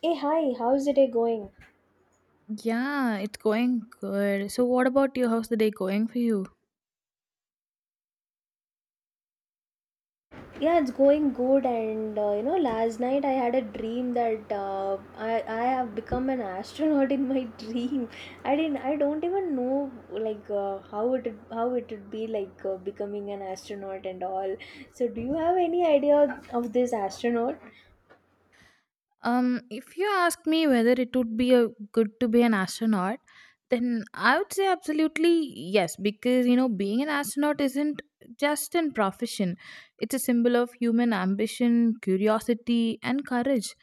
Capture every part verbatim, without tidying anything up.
Hey, hi, how's the day going? Yeah, it's going good. So what about your how's the day going for you? Yeah, it's going good. And uh, you know, last night I had a dream that uh, I I have become an astronaut in my dream. I didn't. I don't even know like uh, how it how it would be like uh, becoming an astronaut and all. So, do you have any idea of this astronaut? Um, if you ask me whether it would be a, good to be an astronaut, then I would say absolutely yes, because you know, being an astronaut isn't just an profession, it's a symbol of human ambition, curiosity, and courage.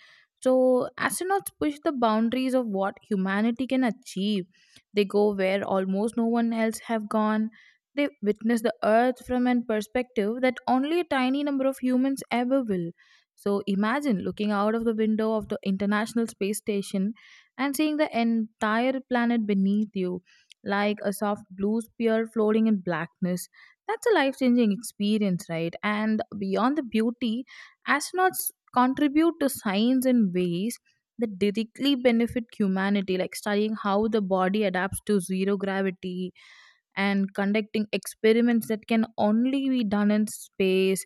So, astronauts push the boundaries of what humanity can achieve. They go where almost no one else have gone. They witness the Earth from an perspective that only a tiny number of humans ever will. So imagine looking out of the window of the International Space Station and seeing the entire planet beneath you, like a soft blue sphere floating in blackness. That's a life changing experience, right? And beyond the beauty, astronauts contribute to science in ways that directly benefit humanity, like studying how the body adapts to zero gravity and conducting experiments that can only be done in space,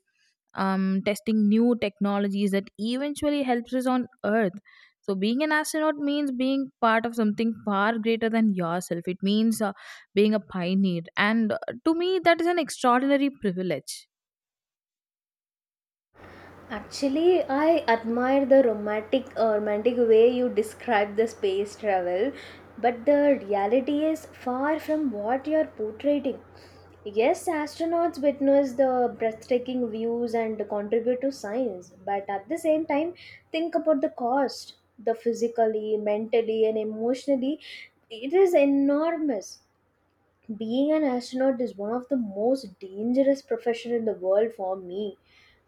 um, testing new technologies that eventually helps us on earth. So being an astronaut means being part of something far greater than yourself. It means, uh, being a pioneer, and, uh, to me, that is an extraordinary privilege. Actually, I admire the romantic uh, romantic way you describe the space travel, but the reality is far from what you're portraying. Yes, astronauts witness the breathtaking views and contribute to science, but at the same time, think about the cost, the physically, mentally, and emotionally, it is enormous. Being an astronaut is one of the most dangerous profession in the world for me,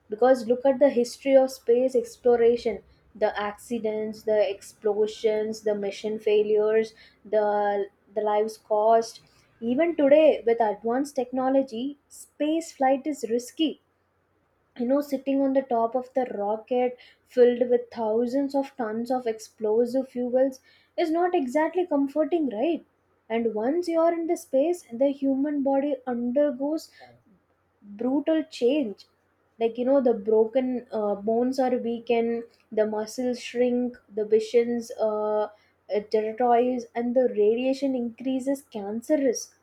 because look at the history of space exploration: the accidents, the explosions, the mission failures, the the lives cost. Even today, with advanced technology, space flight is risky. You know, sitting on the top of the rocket filled with thousands of tons of explosive fuels is not exactly comforting, right? And once you are in the space, the human body undergoes brutal change. Like, you know, the broken uh, bones are weakened, the muscles shrink, the visions uh, uh, territories, and the radiation increases cancer risk,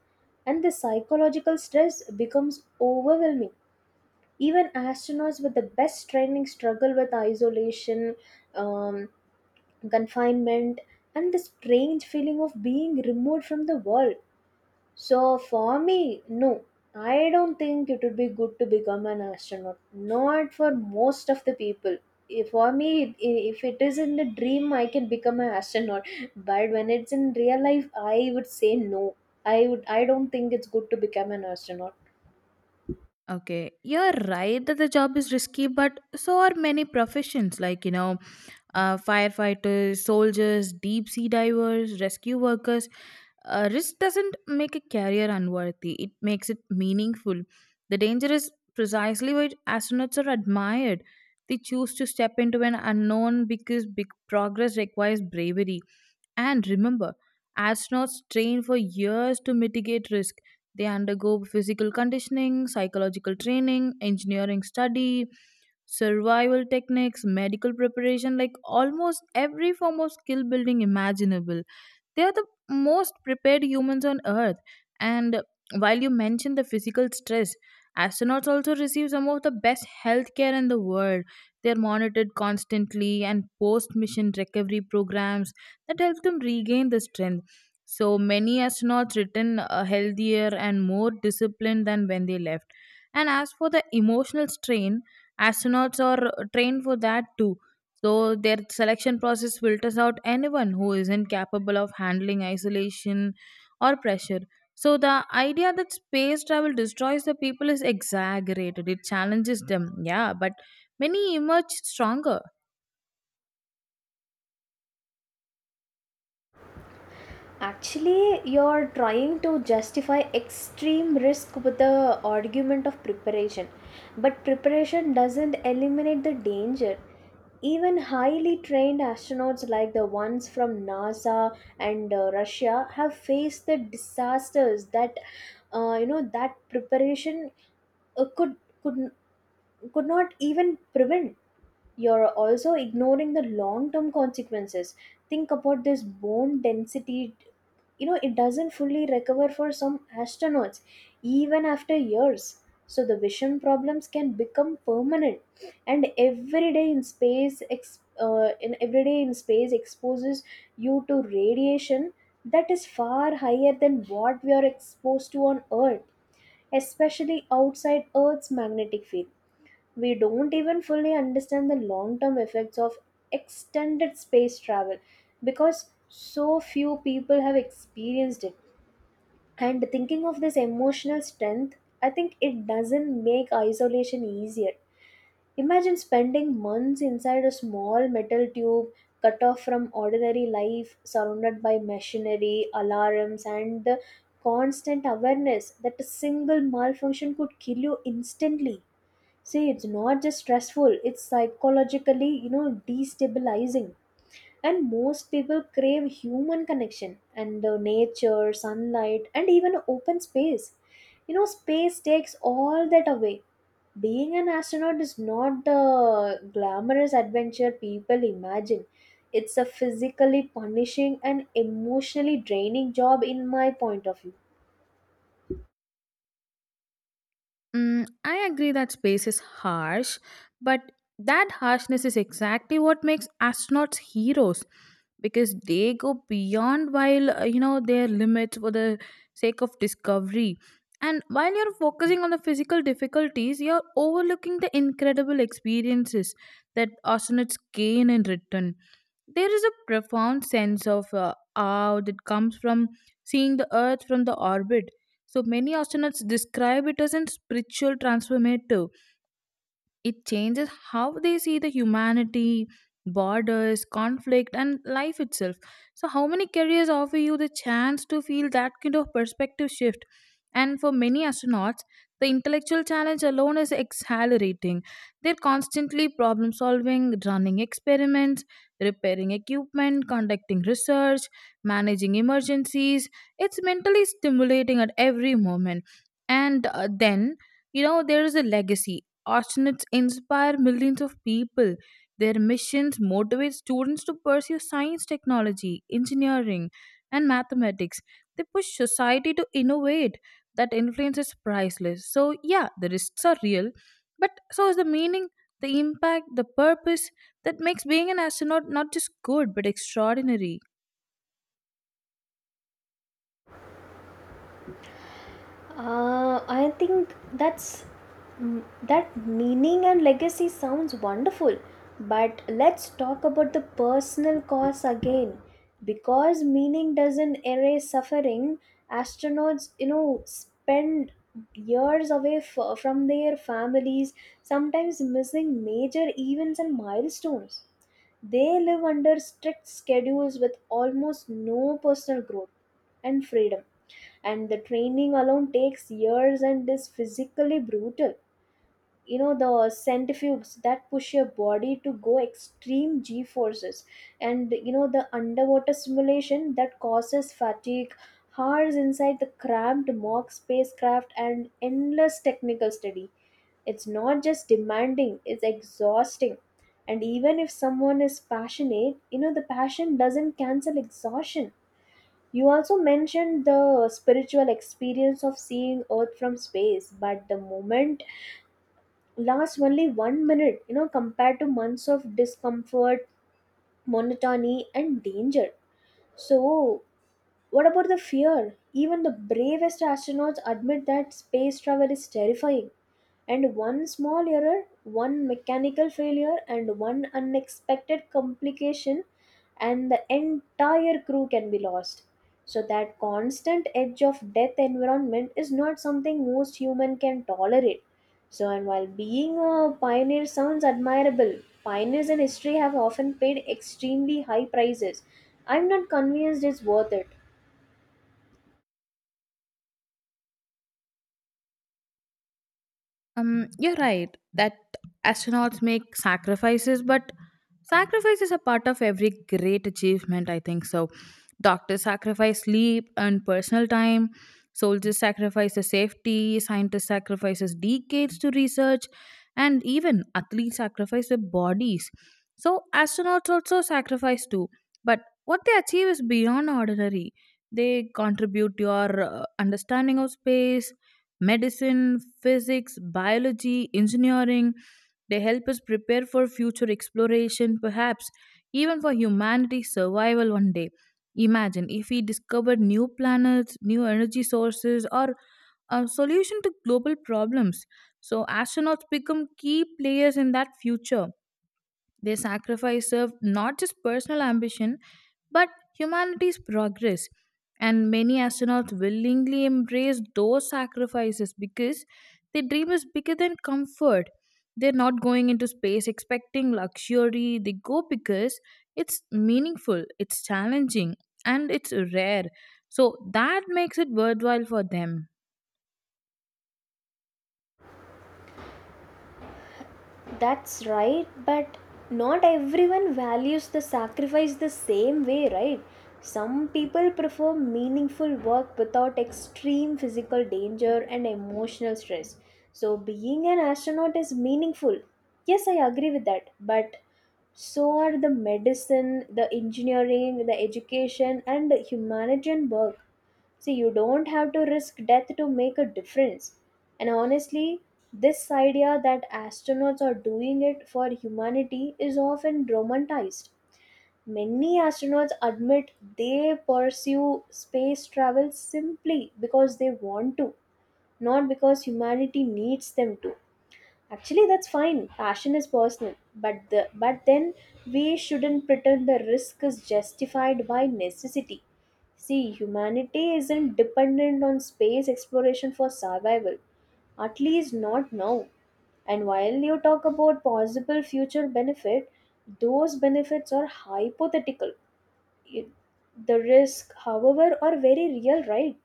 and the psychological stress becomes overwhelming. Even astronauts with the best training struggle with isolation, um, confinement, and the strange feeling of being removed from the world. So for me, no, I don't think it would be good to become an astronaut, not for most of the people. If- for me, i- if it is in the dream, I can become an astronaut, but when it's in real life, I would say no. i would I don't think it's good to become an astronaut. Okay, you're right that the job is risky, but so are many professions, like, you know uh, firefighters, soldiers, deep sea divers, rescue workers. A risk doesn't make a career unworthy, it makes it meaningful. The danger is precisely why astronauts are admired. They choose to step into an unknown because big progress requires bravery. And remember, astronauts train for years to mitigate risk. They undergo physical conditioning, psychological training, engineering study, survival techniques, medical preparation, like almost every form of skill building imaginable. They are the most prepared humans on Earth. And while you mentioned the physical stress, astronauts also receive some of the best healthcare in the world. They are monitored constantly, and post mission recovery programs that help them regain the strength. So many astronauts return uh, healthier and more disciplined than when they left. And as for the emotional strain, astronauts are trained for that too. So their selection process filters out anyone who isn't capable of handling isolation or pressure. So the idea that space travel destroys the people is exaggerated. It challenges them, yeah, but many emerge stronger. Actually, you're trying to justify extreme risk with the argument of preparation. But preparation doesn't eliminate the danger. Even highly trained astronauts like the ones from NASA and uh, Russia have faced the disasters that uh, you know that preparation uh, could could could not even prevent. You're also ignoring the long term consequences. Think about this: bone density, you know, it doesn't fully recover for some astronauts even after years. So the vision problems can become permanent, and every day in space ex- uh, in every day in space exposes you to radiation that is far higher than what we are exposed to on earth, especially outside earth's magnetic field. We don't even fully understand the long term effects of extended space travel because so few people have experienced it. And thinking of this emotional strength, I think it doesn't make isolation easier. Imagine spending months inside a small metal tube, cut off from ordinary life, surrounded by machinery, alarms, and the constant awareness that a single malfunction could kill you instantly. See, it's not just stressful, it's psychologically, you know, destabilizing. And most people crave human connection and uh, nature, sunlight, and even open space. You know, space takes all that away. Being an astronaut is not the glamorous adventure people imagine. It's a physically punishing and emotionally draining job, in my point of view. Mm, I agree that space is harsh, but that harshness is exactly what makes astronauts heroes, because they go beyond while, uh, you know their limits for the sake of discovery. And while you're focusing on the physical difficulties, you're overlooking the incredible experiences that astronauts gain in return. There is a profound sense of uh, awe that comes from seeing the Earth from the orbit. So many astronauts describe it as a spiritual transformative. It changes how they see the humanity, borders, conflict, and life itself. So, how many careers offer you the chance to feel that kind of perspective shift? And for many astronauts, the intellectual challenge alone is exhilarating. They're constantly problem solving, running experiments, repairing equipment, conducting research, managing emergencies. It's mentally stimulating at every moment. And, uh, then, you know, there is a legacy. Astronauts inspire millions of people. Their missions motivate students to pursue science, technology, engineering, and mathematics. They push society to innovate. That influence is priceless. So, yeah, the risks are real, but so is the meaning, the impact, the purpose that makes being an astronaut not just good but extraordinary. Uh, I think that's mm, That meaning and legacy sounds wonderful, but let's talk about the personal costs again. Because meaning doesn't erase suffering, astronauts, you know, spend years away f- from their families, sometimes missing major events and milestones. They live under strict schedules with almost no personal growth and freedom, and the training alone takes years and is physically brutal. You know, the centrifuges that push your body to go extreme g forces, and you know, the underwater simulation that causes fatigue, hours inside the cramped mock spacecraft and endless technical study. It's not just demanding, it's exhausting. And even if someone is passionate, you know, the passion doesn't cancel exhaustion. You also mentioned the spiritual experience of seeing earth from space, but the moment last only one minute, you know, compared to months of discomfort, monotony, and danger. So, what about the fear? Even the bravest astronauts admit that space travel is terrifying. And one small error, one mechanical failure, and one unexpected complication, and the entire crew can be lost. So, that constant edge of death environment is not something most human can tolerate. So, and while being a pioneer sounds admirable, pioneers in history have often paid extremely high prices. I'm not convinced it's worth it. Um, you're right that astronauts make sacrifices, but sacrifice is a part of every great achievement, I think so. Doctors sacrifice sleep and personal time, soldiers sacrifice their safety, scientists sacrifices decades to research, and even athletes sacrifice their bodies. So astronauts also sacrifice too, but what they achieve is beyond ordinary. They contribute to your uh, understanding of space, medicine, physics, biology, engineering. They help us prepare for future exploration, perhaps even for humanity's survival one day. Imagine if we discovered new planets, new energy sources, or a solution to global problems. So, astronauts become key players in that future. They sacrifice of not just personal ambition but humanity's progress. And many astronauts willingly embrace those sacrifices because their dream is bigger than comfort. They're not going into space expecting luxury. They go because it's meaningful, it's challenging, and it's rare. So that makes it worthwhile for them. That's right, but not everyone values the sacrifice the same way, right? Some people prefer meaningful work without extreme physical danger and emotional stress. So, being an astronaut is meaningful. Yes, I agree with that, but so are the medicine, the engineering, the education, and the humanitarian work. See, you don't have to risk death to make a difference. And honestly, this idea that astronauts are doing it for humanity is often romanticized. Many astronauts admit they pursue space travel simply because they want to, not because humanity needs them to. Actually, that's fine. Passion is personal, but the but then we shouldn't pretend the risk is justified by necessity. See, humanity isn't dependent on space exploration for survival, at least not now. And while you talk about possible future benefit, those benefits are hypothetical. You- The risk, however, are very real, right?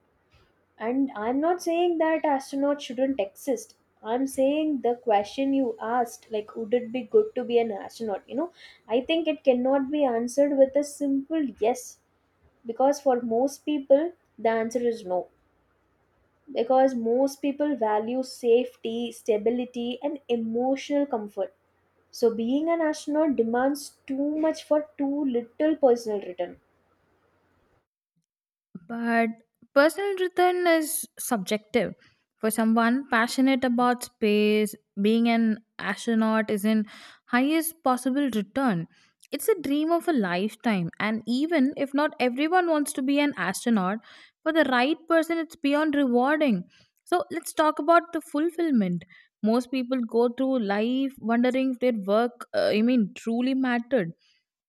And I'm not saying that astronauts shouldn't exist. I'm saying the question you asked, like, would it be good to be an astronaut? You know, I think it cannot be answered with a simple yes, because for most people, the answer is no. Because most people value safety, stability, and emotional comfort. So being an astronaut demands too much for too little personal return. But personal return is subjective. For someone passionate about space, being an astronaut is in highest possible return. It's a dream of a lifetime, and even if not everyone wants to be an astronaut, for the right person, it's beyond rewarding. So let's talk about the fulfillment. Most people go through life wondering if their work, uh, I mean, truly mattered.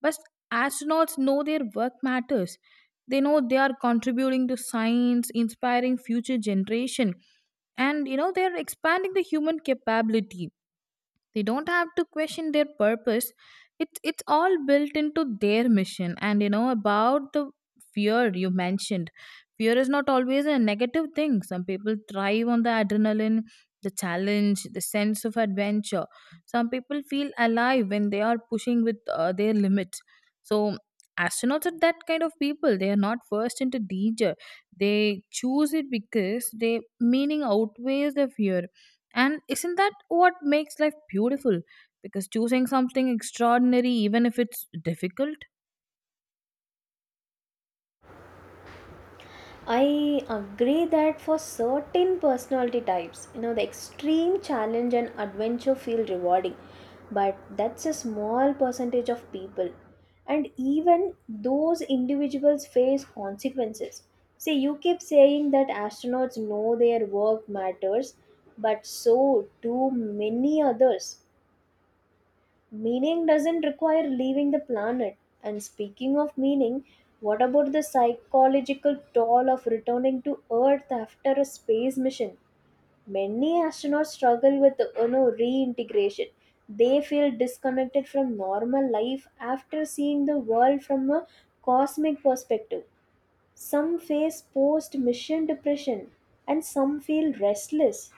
But astronauts know their work matters. They know they are contributing to science, inspiring future generation, and, you know, they are expanding the human capability. They don't have to question their purpose. It's it's all built into their mission. And you know about the fear you mentioned. Fear is not always a negative thing. Some people thrive on the adrenaline, the challenge, the sense of adventure. Some people feel alive when they are pushing with, uh, their limits. So astronauts are that kind of people. They are not forced into danger. They choose it because their meaning outweighs the fear. And isn't that what makes life beautiful? Because choosing something extraordinary, even if it's difficult. I agree that for certain personality types, you know, the extreme challenge and adventure feel rewarding, but that's a small percentage of people. And even those individuals face consequences. See, you keep saying that astronauts know their work matters, but so do many others. Meaning doesn't require leaving the planet. And speaking of meaning, what about the psychological toll of returning to Earth after a space mission? Many astronauts struggle with, you know, reintegration. They feel disconnected from normal life after seeing the world from a cosmic perspective. Some face post mission depression, and some feel restless,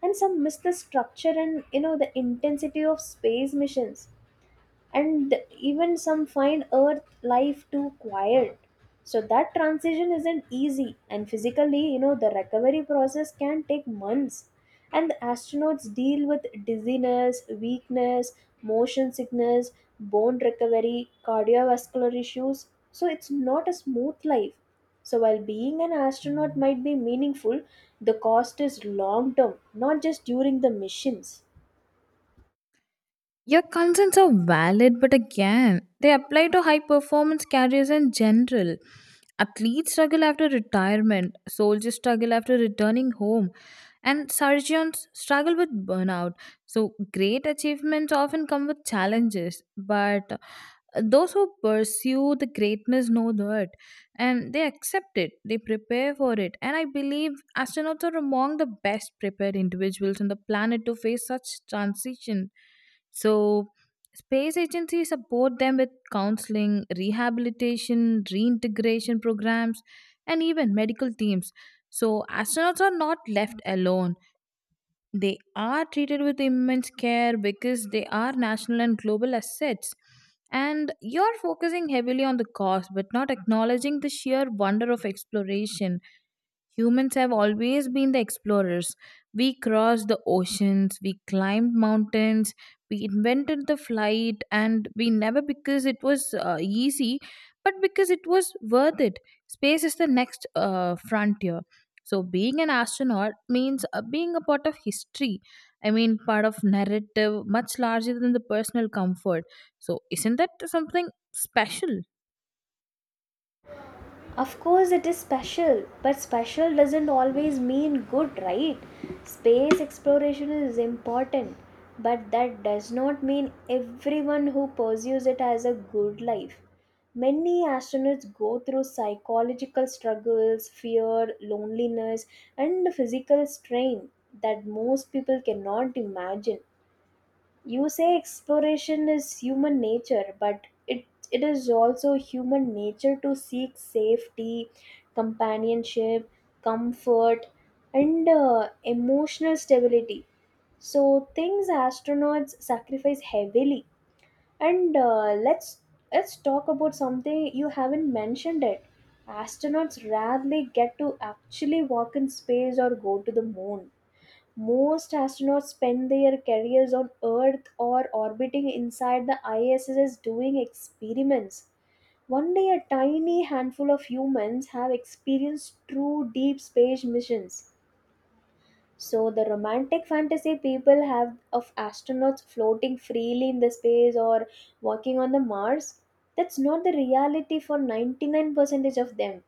and some miss the structure and, you know, the intensity of space missions, and even some find earth life too quiet. So that transition isn't easy, and physically, you know, the recovery process can take months, and the astronauts deal with dizziness, weakness, motion sickness, bone recovery, cardiovascular issues. So it's not a smooth life. So while being an astronaut might be meaningful, the cost is long term, not just during the missions. Your concerns are valid, but again, they apply to high performance careers in general. Athletes struggle after retirement, soldiers struggle after returning home, and surgeons struggle with burnout. So, great achievements often come with challenges, but, Uh, those who pursue the greatness know that. And they accept it. They prepare for it. And I believe astronauts are among the best prepared individuals on the planet to face such transition. So space agencies support them with counseling, rehabilitation, reintegration programs, and even medical teams. So astronauts are not left alone. They are treated with immense care because they are national and global assets. And you're focusing heavily on the cost but not acknowledging the sheer wonder of exploration. Humans have always been the explorers. We crossed the oceans, we climbed mountains, we invented the flight, and we never because it was, uh, easy, but because it was worth it. Space is the next uh, frontier. So, being an astronaut means uh, being a part of history. I mean, part of narrative much larger than the personal comfort. So, isn't that something special? Of course, it is special, but special doesn't always mean good, right? Space exploration is important, but that does not mean everyone who pursues it has a good life. Many astronauts go through psychological struggles, fear, loneliness, and physical strain that most people cannot imagine. You say exploration is human nature, but it it is also human nature to seek safety, companionship, comfort, and uh, emotional stability. So things astronauts sacrifice heavily. And uh, let's let's talk about something you haven't mentioned it. Astronauts rarely get to actually walk in space or go to the moon. Most astronauts spend their careers on Earth or orbiting inside the I S S doing experiments. One day, a tiny handful of humans have experienced true deep space missions. So the romantic fantasy people have of astronauts floating freely in the space or walking on the Mars, that's not the reality for ninety-nine percent of them.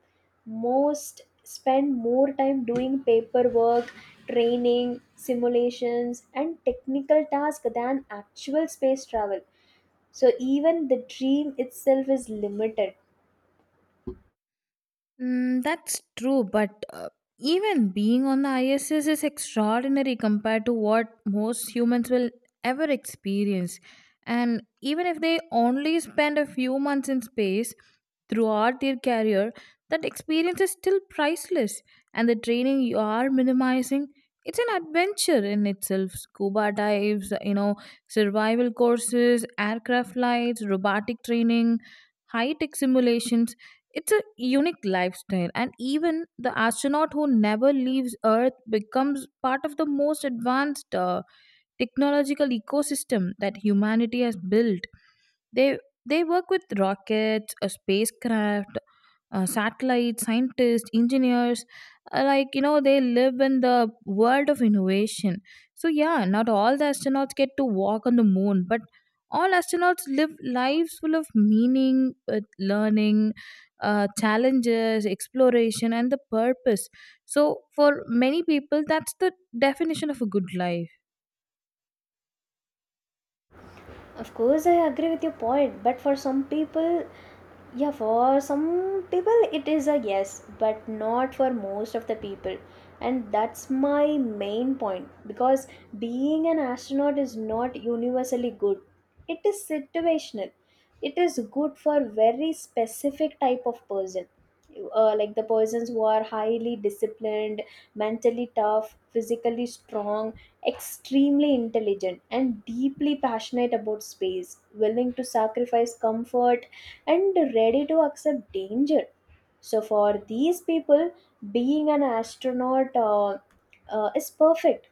Most spend more time doing paperwork, training, simulations and technical tasks than actual space travel. So even the dream itself is limited. Mm, that's true, but uh, even being on the I S S is extraordinary compared to what most humans will ever experience. And even if they only spend a few months in space throughout their career, that experience is still priceless. And the training you are minimizing, it's an adventure in itself. Scuba dives, you know, survival courses, aircraft flights, robotic training, high tech simulations. It's a unique lifestyle, and even the astronaut who never leaves Earth becomes part of the most advanced uh, technological ecosystem that humanity has built. They they work with rockets, a spacecraft, uh, satellites, scientists, engineers, uh, like, you know, they live in the world of innovation. So, yeah, not all the astronauts get to walk on the moon, but all astronauts live lives full of meaning, with learning, uh, challenges, exploration, and the purpose. So, for many people, that's the definition of a good life. Of course, I agree with your point, but for some people, yeah, for some people it is a yes, but not for most of the people. And that's my main point, because being an astronaut is not universally good. It is situational. It is good for very specific type of person. Uh, like the persons who are highly disciplined, mentally tough, physically strong, extremely intelligent, and deeply passionate about space, willing to sacrifice comfort and ready to accept danger. So, for these people, being an astronaut uh, uh, is perfect.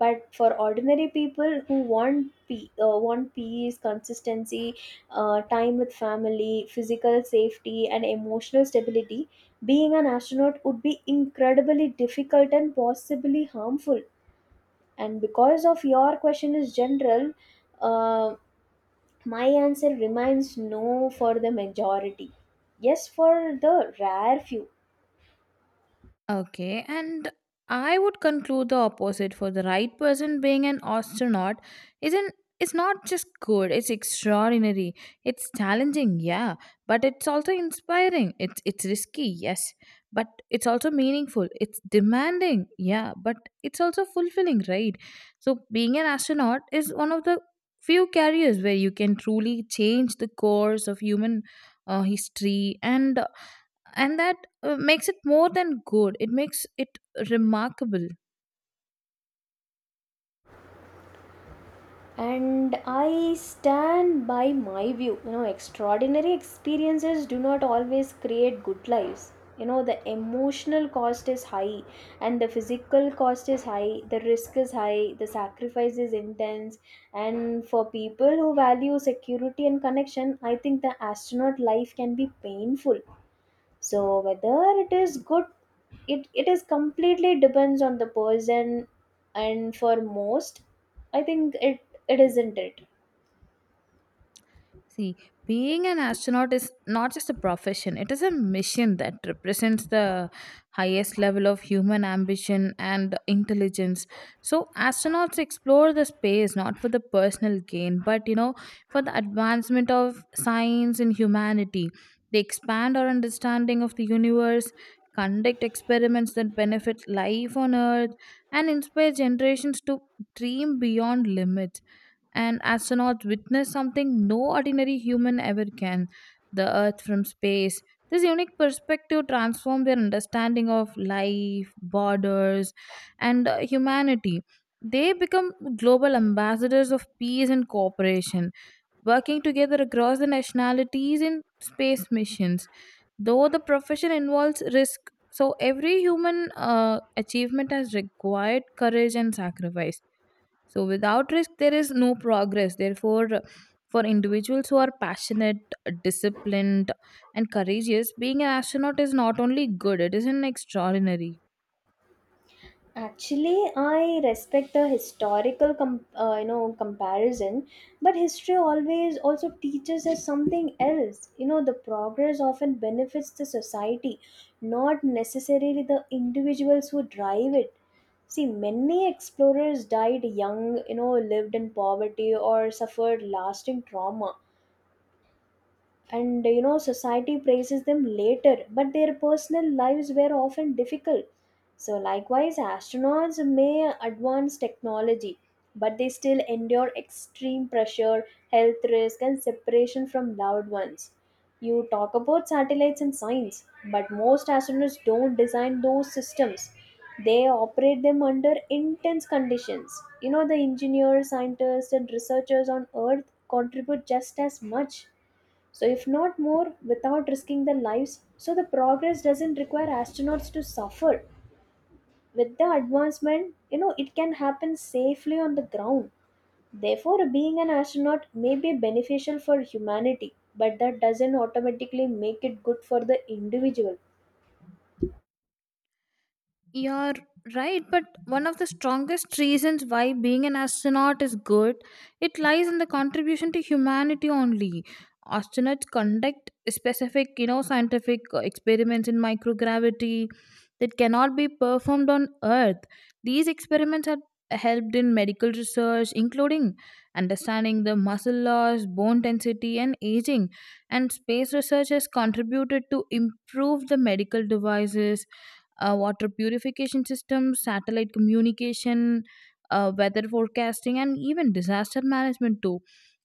But for ordinary people who want pe- uh, want peace, consistency, uh, time with family, physical safety, and emotional stability, being an astronaut would be incredibly difficult and possibly harmful. And because of your question is general, uh, my answer remains no for the majority, yes for the rare few. Okay, and I would conclude the opposite. For the right person, being an astronaut isn't it's not just good, it's extraordinary. It's challenging, yeah, but it's also inspiring. It's it's risky, yes, but it's also meaningful. It's demanding, yeah, but it's also fulfilling, right? So being an astronaut is one of the few careers where you can truly change the course of human uh, history, and and that, uh, makes it more than good. It makes it remarkable. And I stand by my view. You know, extraordinary experiences do not always create good lives. You know, the emotional cost is high and the physical cost is high, the risk is high, the sacrifice is intense. And for people who value security and connection, I think the astronaut life can be painful, so whether it is good it, it is completely depends on the person, and for most I think it it isn't it. See, being an astronaut is not just a profession, it is a mission that represents the highest level of human ambition and intelligence. So, astronauts explore the space not for the personal gain, but, you know, for the advancement of science and humanity. They expand our understanding of the universe, conduct experiments that benefit life on Earth, and inspire generations to dream beyond limits. And astronauts witness something no ordinary human ever can: the earth from space. This unique perspective transformed their understanding of life, borders, and, uh, humanity. They become global ambassadors of peace and cooperation, working together across the nationalities in space missions. Though the profession involves risk, so every human uh, achievement has required courage and sacrifice. So without risk, there is no progress. Therefore, for individuals who are passionate, disciplined, and courageous, being an astronaut is not only good, it is an extraordinary. Actually, I respect the historical com- uh, you know comparison, but history always also teaches us something else. You know, the progress often benefits the society, not necessarily the individuals who drive it. See, many explorers died young, you know, lived in poverty or suffered lasting trauma, and you know society praises them later, but their personal lives were often difficult. So likewise, astronauts may advance technology, but they still endure extreme pressure, health risk, and separation from loved ones. You talk about satellites and science, but most astronauts don't design those systems. They operate them under intense conditions. You know, the engineers, scientists, and researchers on earth contribute just as much, so, if not more, without risking their lives. So, the progress doesn't require astronauts to suffer. With the advancement, you know, it can happen safely on the ground. Therefore, being an astronaut may be beneficial for humanity, but that doesn't automatically make it good for the individual. You're right, but one of the strongest reasons why being an astronaut is good, it lies in the contribution to humanity only. Astronauts conduct specific, you know, scientific uh, experiments in microgravity that cannot be performed on Earth. These experiments have helped in medical research, including understanding the muscle loss, bone density, and aging. And space research has contributed to improve the medical devices, uh, water purification systems, satellite communication, uh, weather forecasting, and even disaster management too.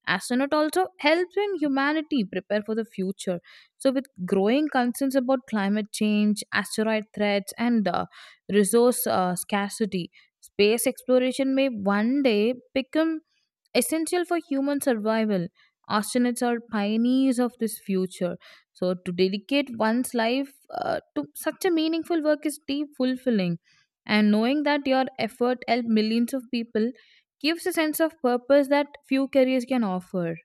Astronaut also helps in humanity prepare for the future. So, with growing concerns about climate change, asteroid threats, and uh, resource uh, scarcity, space exploration may one day become essential for human survival. Astronauts are pioneers of this future. So, to dedicate one's life uh, to such a meaningful work is deep fulfilling. And knowing that your effort helped millions of people gives a sense of purpose that few careers can offer.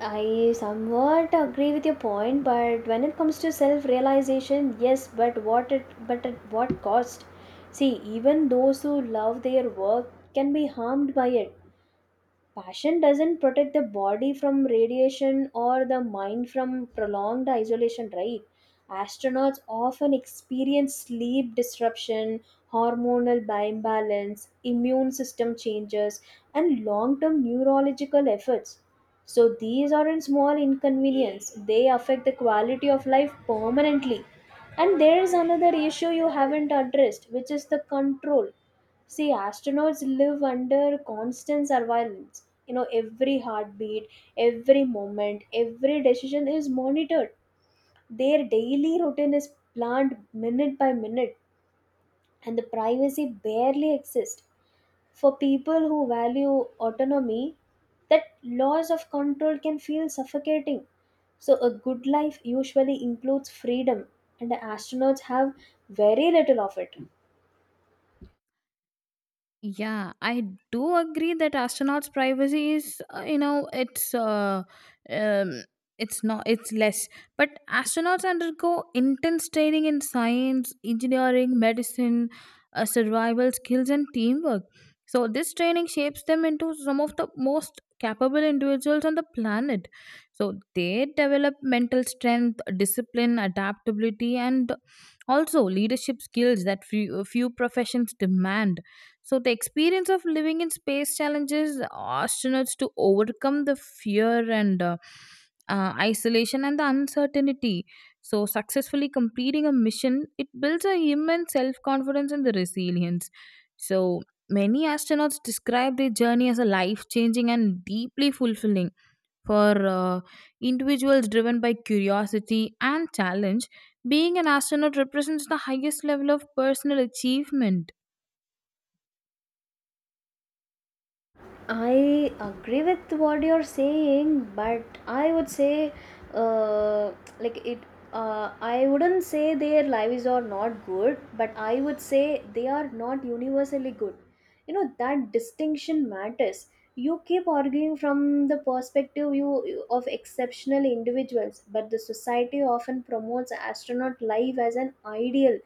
I somewhat agree with your point, but when it comes to self-realization, yes, but what it but at what cost? See, even those who love their work can be harmed by it. Passion doesn't protect the body from radiation or the mind from prolonged isolation, right? Astronauts often experience sleep disruption, hormonal bi- imbalance, immune system changes, and long term neurological efforts. So these aren't small inconvenience, they affect the quality of life permanently. And there is another issue you haven't addressed, which is the control. See, astronauts live under constant surveillance. You know, every heartbeat, every moment, every decision is monitored. Their daily routine is planned minute by minute, and the privacy barely exists. For people who value autonomy, that loss of control can feel suffocating. So, a good life usually includes freedom, and astronauts have very little of it. Yeah, I do agree that astronauts' privacy is, uh, you know, it's uh, um, it's not, it's less. But astronauts undergo intense training in science, engineering, medicine, uh, survival skills, and teamwork. So this training shapes them into some of the most capable individuals on the planet. So they develop mental strength, discipline, adaptability, and also leadership skills that few, few professions demand. So, the experience of living in space challenges astronauts to overcome the fear and, uh, uh, isolation and the uncertainty. So, successfully completing a mission, it builds a human self confidence and the resilience. So, many astronauts describe their journey as a life changing and deeply fulfilling for uh, individuals driven by curiosity and challenge. Being an astronaut represents the highest level of personal achievement. I agree with what you're saying, but I would say, uh, like it. Uh, I wouldn't say their lives are not good, but I would say they are not universally good. You know that distinction matters. You keep arguing from the perspective you of exceptional individuals, but the society often promotes astronaut life as an ideal,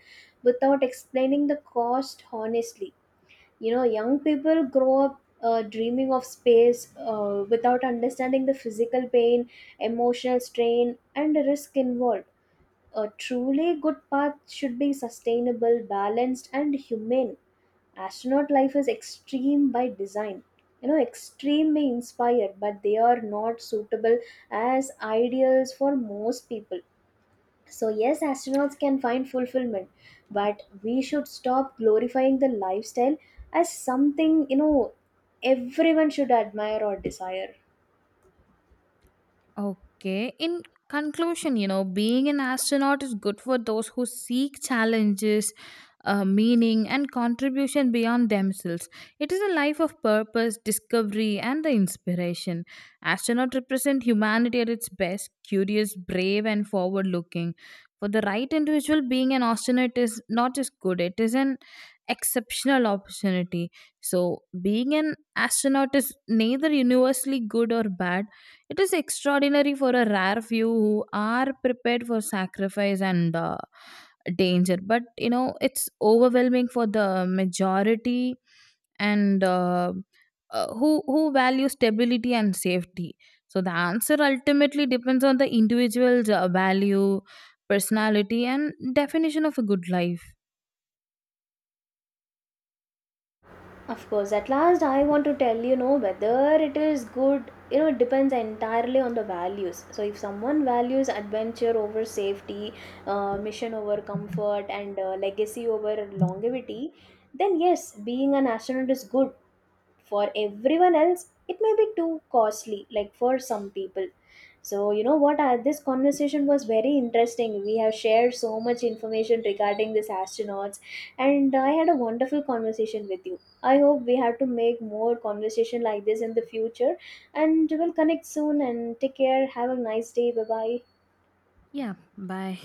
without explaining the cost honestly. You know, young people grow up uh, dreaming of space uh, without understanding the physical pain, emotional strain, and the risk involved. A truly good path should be sustainable, balanced, and humane. Astronaut life is extreme by design. You know, extreme may inspire, but they are not suitable as ideals for most people. So, yes, astronauts can find fulfillment, but we should stop glorifying the lifestyle as something, you know, everyone should admire or desire. Okay. In conclusion, you know, being an astronaut is good for those who seek challenges, uh, meaning, and contribution beyond themselves. It is a life of purpose, discovery, and the inspiration. Astronauts represent humanity at its best, curious, brave, and forward looking. For the right individual, being an astronaut is not just good, it is an exceptional opportunity. So, being an astronaut is neither universally good or bad. It is extraordinary for a rare few who are prepared for sacrifice and uh, danger, but, you know, it's overwhelming for the majority and, uh, uh, who who value stability and safety. So the answer ultimately depends on the individual's uh, value, personality, and definition of a good life. Of course, at last, I want to tell you know whether it is good, you know, it depends entirely on the values. So, if someone values adventure over safety, uh, mission over comfort, and uh, legacy over longevity, then yes, being an astronaut is good. For everyone else it may be too costly, like for some people. So you know what, uh, this conversation was very interesting. We have shared so much information regarding these astronauts, and I had a wonderful conversation with you. I hope we have to make more conversation like this in the future, and we'll connect soon. And take care, have a nice day. Bye bye. Yeah, bye.